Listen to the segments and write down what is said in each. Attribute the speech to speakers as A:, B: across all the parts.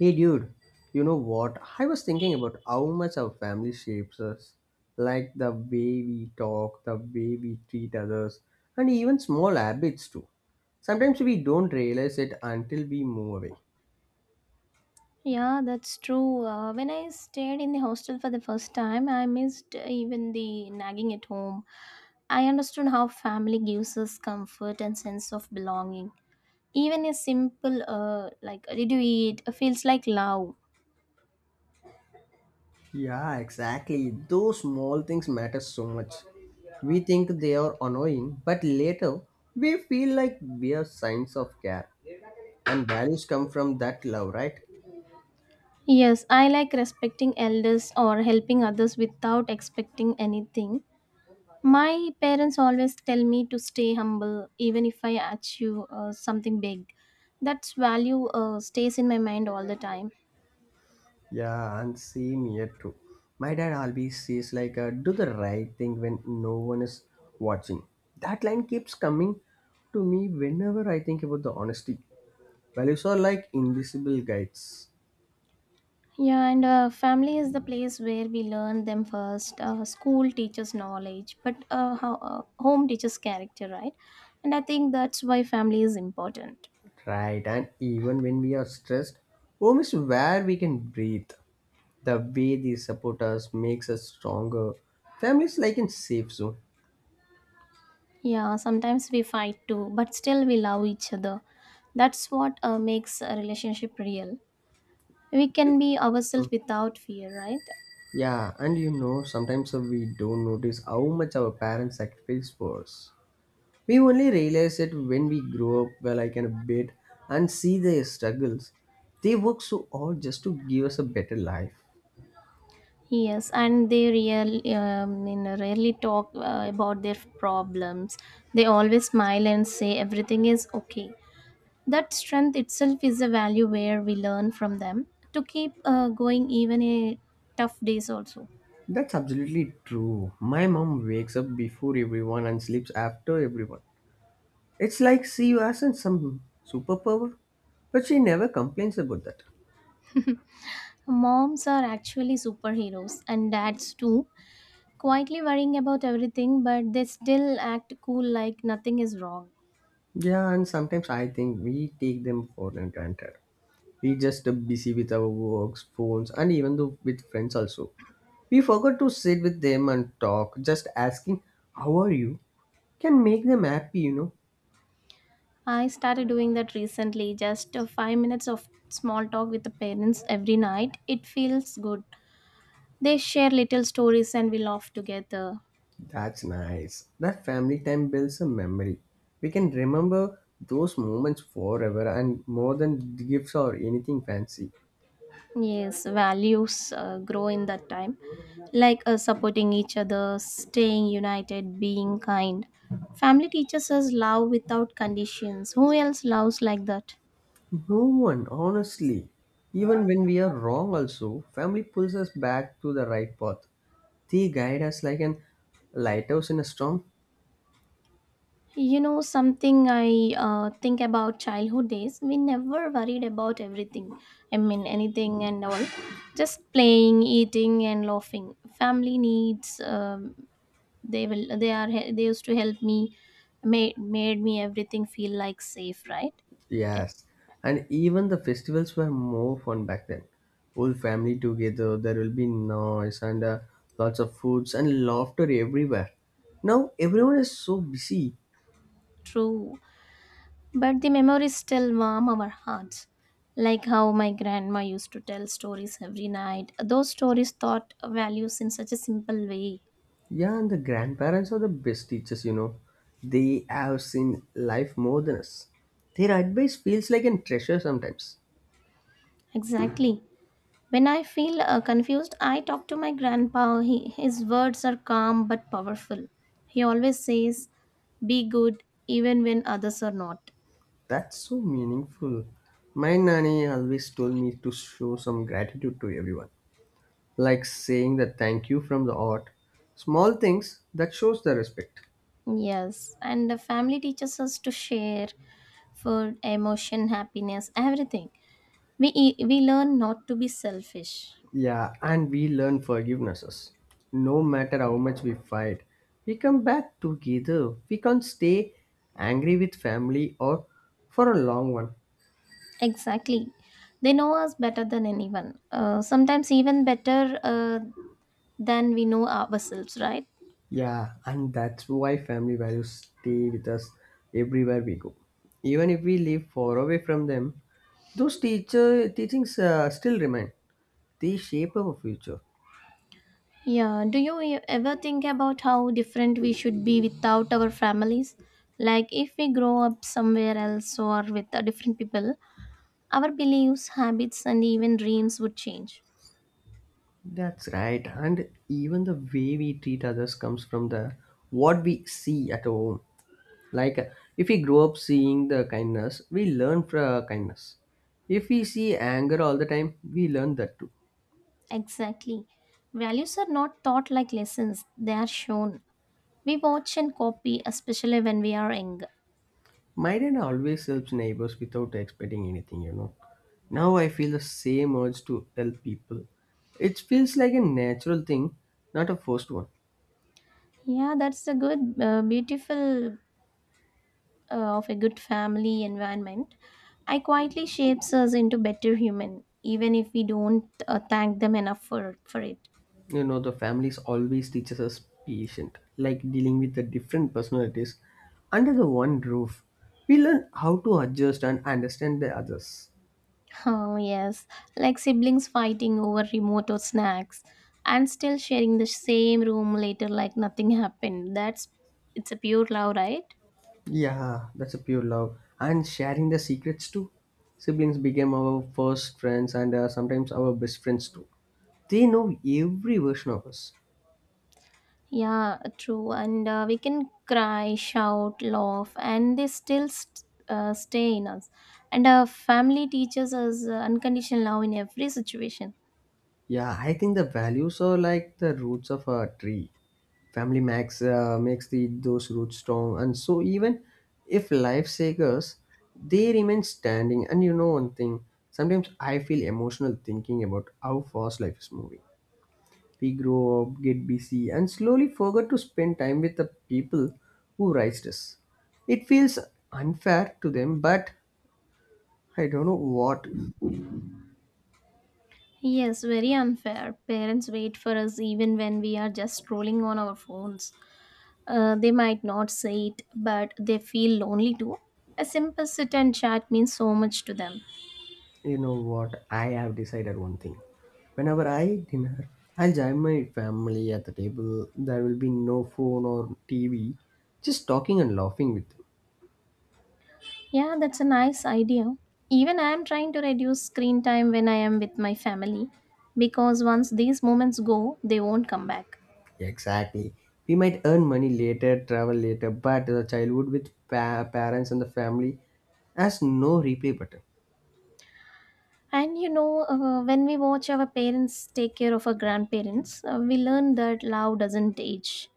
A: Hey dude, you know what? I was thinking about how much our family shapes us. Like the way we talk, the way we treat others, and even small habits too. Sometimes we don't realize it until we move away.
B: Yeah, that's true. When I stayed in the hostel for the first time, I missed even the nagging at home. I understood how family gives us comfort and sense of belonging. Even a simple, like, did you eat, feels like love.
A: Yeah, exactly. Those small things matter so much. We think they are annoying, but later we feel like we are signs of care. And values come from that love, right?
B: Yes, I like respecting elders or helping others without expecting anything. My parents always tell me to stay humble, even if I achieve something big. That value stays in my mind all the time.
A: Yeah, and same here too. My dad always says like, "Do the right thing when no one is watching." That line keeps coming to me whenever I think about the honesty. Values are like invisible guides,
B: Yeah, and family is the place where we learn them first. School teaches knowledge, but home teaches character, right? And I think that's why family is important.
A: right? And even when we are stressed, home is where we can breathe. The way they support us makes us stronger. Family is like in safe zone.
B: Yeah, sometimes we fight too, but still we love each other. That's what makes a relationship real. We can be ourselves
A: Mm.
B: without fear, right?
A: Yeah, and you know, sometimes we don't notice how much our parents sacrifice for us. We only realize it when we grow up, well, like in a bit, and see their struggles. They work so hard just to give us a better life.
B: Yes, and they real, rarely talk about their problems. They always smile and say everything is okay. That strength itself is a value where we learn from them to keep going even in tough days also.
A: That's absolutely true. My mom wakes up before everyone and sleeps after everyone. It's like she has some superpower, but she never complains about that.
B: Moms are actually superheroes and dads too, quietly worrying about everything but they still act cool like nothing is wrong.
A: Yeah, and sometimes I think we take them for granted. We just busy with our works, phones, and even though with friends also. We forgot to sit with them and talk. Just asking, "How are you?" can make them happy. You know,
B: I started doing that recently, just 5 minutes of small talk with the parents every night. It feels good. They share little stories and we laugh together.
A: that's nice. That family time builds a memory. We can remember those moments forever, and more than gifts or anything fancy.
B: Yes, values grow in that time, like supporting each other, staying united, being kind. Family teaches us love without conditions. Who else loves like that?
A: No one, honestly. Even when we are wrong, also, family pulls us back to the right path. They guide us like an lighthouse in a storm.
B: You know, something I think about childhood days, we never worried about everything. I mean, anything and all. Just playing, eating, and laughing. Family needs, they will, they are, they used to help me, made me everything feel like safe, right?
A: Yes, and even the festivals were more fun back then. Whole family together, there will be noise and lots of foods and laughter everywhere. Now everyone is so busy.
B: True, but the memories still warm our hearts. Like how my grandma used to tell stories every night. Those stories taught values in such a simple way.
A: Yeah, and the grandparents are the best teachers, you know. They have seen life more than us. Their advice feels like a treasure sometimes.
B: Exactly. When I feel confused, I talk to my grandpa. His words are calm but powerful. He always says, be good even when others are not.
A: That's so meaningful. My nanny always told me to show some gratitude to everyone. Like saying the thank you from the heart, small things that shows the respect.
B: Yes, and the family teaches us to share food, emotion, happiness, everything. We learn not to be selfish.
A: Yeah, and we learn forgivenesses. No matter how much we fight, we come back together. We can't stay angry with family or for a long one.
B: Exactly. They know us better than anyone. Sometimes even better than we know ourselves, right?
A: Yeah, and that's why family values stay with us everywhere we go. Even if we live far away from them, those teacher teachings still remain. They shape our future.
B: Yeah. Do you ever think about how different we should be without our families? Like if we grow up somewhere else or with different people, our beliefs, habits, and even dreams would change.
A: That's right. And even the way we treat others comes from the what we see at home. Like if we grow up seeing the kindness, we learn from kindness. If we see anger all the time, we learn that too.
B: Exactly. Values are not taught like lessons, they are shown. We watch and copy, especially when we are young.
A: My dad always helps neighbors without expecting anything, you know. Now I feel the same urge to help people. It feels like a natural thing, not a forced one.
B: Yeah, that's a beautiful of a good family environment I quietly shapes us into better human even if we don't thank them enough for it.
A: You know, the families always teaches us patient, like dealing with the different personalities under the one roof. We learn how to adjust and understand the others.
B: Oh yes, like siblings fighting over remote or snacks and still sharing the same room later like nothing happened, that's, it's a pure love, right?
A: Yeah, that's a pure love. And sharing the secrets too. Siblings became our first friends and sometimes our best friends too. They know every version of us.
B: Yeah, true, and we can cry shout laugh and they stay in us, and our family teaches us unconditional love in every situation.
A: Yeah, I think the values are like the roots of a tree. Family max makes the those roots strong, and so even if life shakers, they remain standing. And you know one thing, sometimes I feel emotional thinking about how fast life is moving. We grow up, get busy, and slowly forget to spend time with the people who raised us. It feels unfair to them, but I don't know what.
B: Yes, very unfair. Parents wait for us even when we are just scrolling on our phones. They might not say it, but they feel lonely too. A simple sit and chat means so much to them.
A: You know what? I have decided one thing. Whenever I dinner, I'll join my family at the table. There will be no phone or TV, just talking and laughing with them.
B: Yeah, that's a nice idea. Even I am trying to reduce screen time when I am with my family because once these moments go, they won't come back.
A: Exactly. We might earn money later, travel later, but the childhood with parents and the family has no replay button.
B: And you know, when we watch our parents take care of our grandparents, we learn that love doesn't age.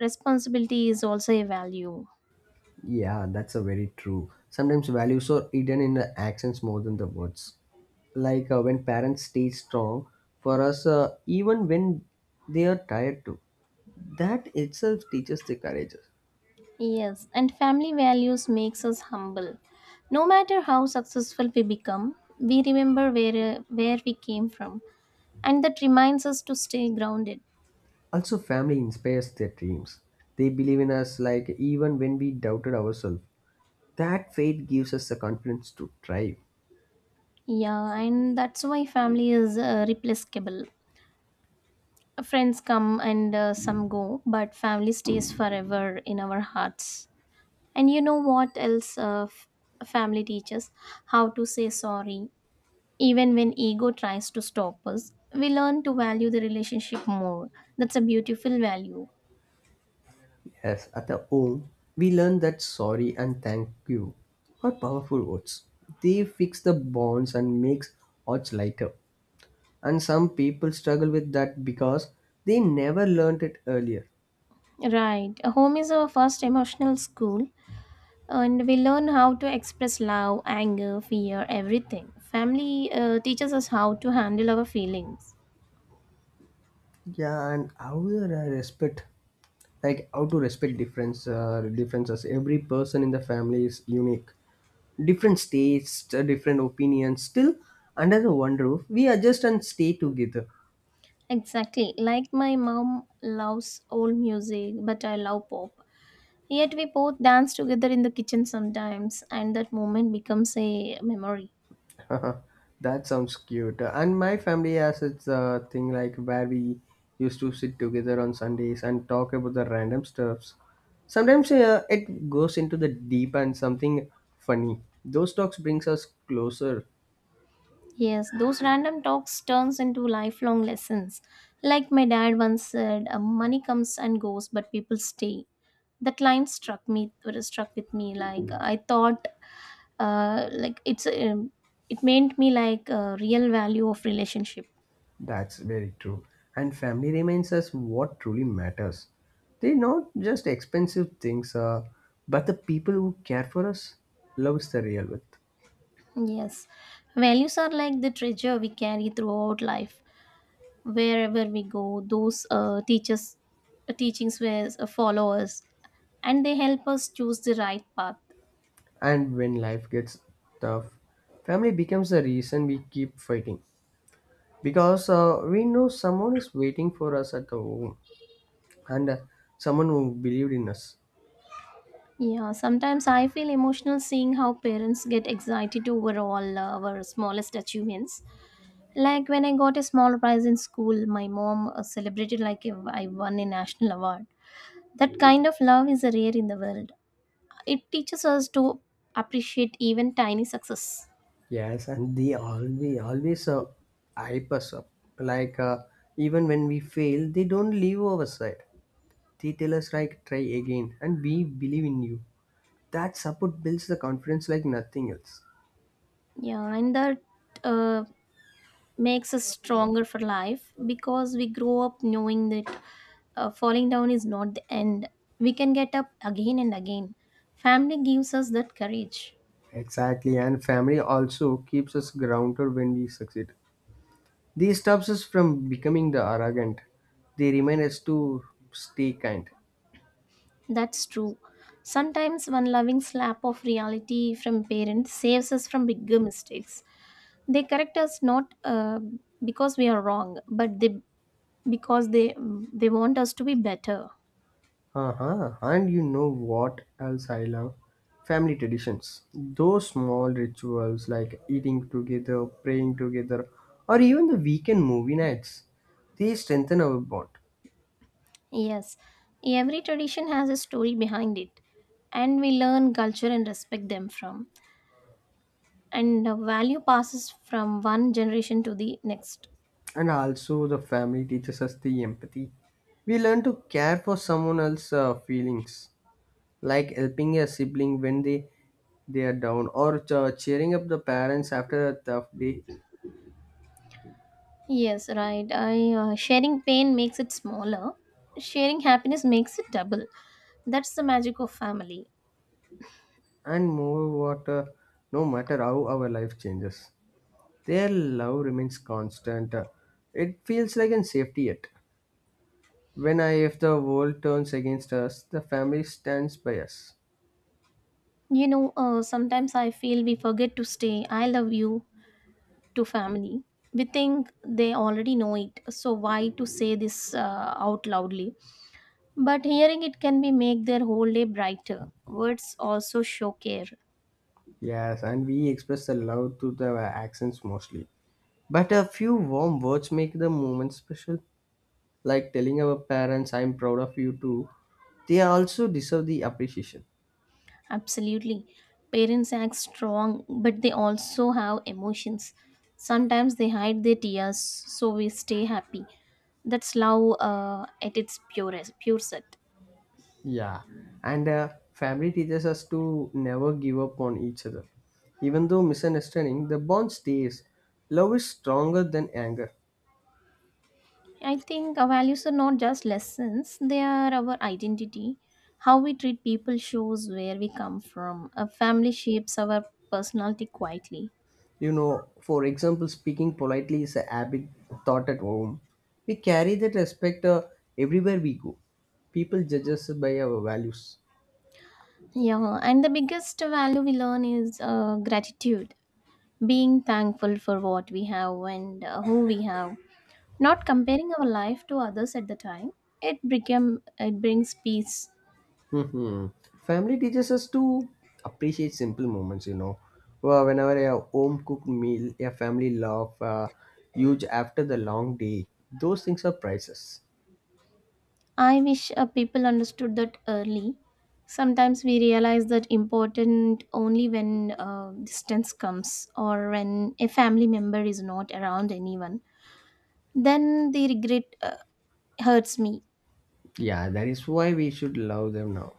B: Responsibility is also a value.
A: Yeah, that's a very true. Sometimes values are hidden in the actions more than the words. Like when parents stay strong for us, even when they are tired too. That itself teaches the courage.
B: Yes, and family values makes us humble. No matter how successful we become, we remember where we came from, and that reminds us to stay grounded.
A: Also, family inspires their dreams. They believe in us, like even when we doubted ourselves. That faith gives us the confidence to try.
B: Yeah, and that's why family is replaceable. Friends come and some go, but family stays forever in our hearts. And you know what else? Family teaches how to say sorry. Even when ego tries to stop us, we learn to value the relationship more. That's a beautiful value.
A: Yes, at the home, we learn that sorry and thank you are powerful words. They fix the bonds and makes odds lighter. And some people struggle with that because they never learned it earlier.
B: Right. A home is our first emotional school, and we learn how to express love, anger, fear, everything. Family teaches us how to handle our feelings.
A: Yeah, and how do I respect, like how to respect differences. Every person in the family is unique. Different states, different opinions. Still, under the one roof, we adjust and stay together.
B: Exactly. Like my mom loves old music, but I love pop. Yet we both dance together in the kitchen sometimes, and that moment becomes a memory.
A: That sounds cute. And my family has its thing like where we used to sit together on Sundays and talk about the random stuffs. Sometimes it goes into the deep and something funny. Those talks brings us closer.
B: Yes, those random talks turns into lifelong lessons. Like my dad once said, money comes and goes, but people stay. That line struck me, or struck with me. Like I thought, uh, like it's, um it meant me like real value of relationship.
A: That's very true. And family reminds us what truly matters. They're not just expensive things, but the people who care for us love loves the real with.
B: Yes, values are like the treasure we carry throughout life, wherever we go. Those teachings were follow us, and they help us choose the right path.
A: And when life gets tough, family becomes the reason we keep fighting because we know someone is waiting for us at the home and someone who believed in us.
B: Yeah, sometimes I feel emotional seeing how parents get excited over all our smallest achievements. Like when I got a small prize in school, my mom celebrated like if I won a national award. That kind of love is rare in the world. It teaches us to appreciate even tiny success.
A: Yes, and they always always hype us up. Like even when we fail, they don't leave our side. They tell us like try again, and we believe in you. That support builds the confidence like nothing else.
B: Yeah, and that uh, makes us stronger for life because we grow up knowing that falling down is not the end. We can get up again and again. Family gives us that courage.
A: Exactly, and family also keeps us grounded when we succeed. These stops us from becoming the arrogant. They remind us to stay kind.
B: That's true. Sometimes one loving slap of reality from parents saves us from bigger mistakes. They correct us not because we are wrong, but they because they want us to be better.
A: Uh-huh. And you know what else I love? Family traditions. Those small rituals like eating together, praying together, or even the weekend movie nights. They strengthen our bond.
B: Yes, every tradition has a story behind it, and we learn culture and respect them from. And the value passes from one generation to the next.
A: And also, the family teaches us the empathy. We learn to care for someone else's feelings. Like helping a sibling when they are down or cheering up the parents after a tough day.
B: Yes, right. I Sharing pain makes it smaller. Sharing happiness makes it double. That's the magic of family.
A: And more, no matter how our life changes, their love remains constant. It feels like a safety net when I if the world turns against us, the family stands by us.
B: You know, sometimes I feel we forget to stay "I love you" to family. We think they already know it, so why to say this out loudly? But hearing it can be make their whole day brighter. Words also show care.
A: Yes, and we express the love through the accents mostly, but a few warm words make the moment special, like telling our parents I'm proud of you too. They also deserve the appreciation.
B: Absolutely. Parents act strong, but they also have emotions. Sometimes they hide their tears so we stay happy. That's love at its purest, pure set.
A: Yeah and Family teaches us to never give up on each other. Even though misunderstanding, the bond stays. Love is stronger than anger.
B: I think our values are not just lessons, they are our identity. How we treat people shows where we come from. A family shapes our personality quietly.
A: You know, for example, speaking politely is a habit taught at home. We carry that respect everywhere we go. People judge us by our values.
B: Yeah, and the biggest value we learn is gratitude, being thankful for what we have and who we have, not comparing our life to others at the time. It became it brings peace.
A: Hmm. Family teaches us to appreciate simple moments, you know. Well, whenever a home cooked meal, a family love, huge after the long day, those things are priceless.
B: I wish people understood that early. Sometimes we realize that important only when distance comes or when a family member is not around anyone. Then the regret hurts me.
A: Yeah, that is why we should love them now.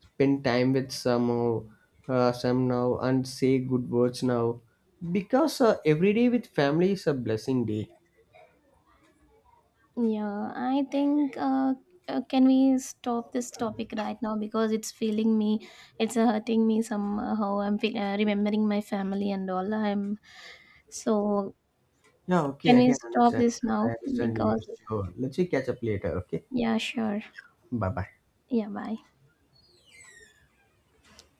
A: Spend time with some now, and say good words now, because every day with family is a blessing day.
B: Yeah, I think can we stop this topic right now because it's feeling me, it's hurting me somehow. I'm remembering my family and all. I'm so,
A: Yeah,
B: can
A: okay, I
B: we
A: can
B: stop
A: understand.
B: this
A: I
B: now
A: understand you.
B: because,
A: Sure. Let's catch up later. Okay.
B: yeah, sure.
A: Bye bye.
B: Yeah, bye.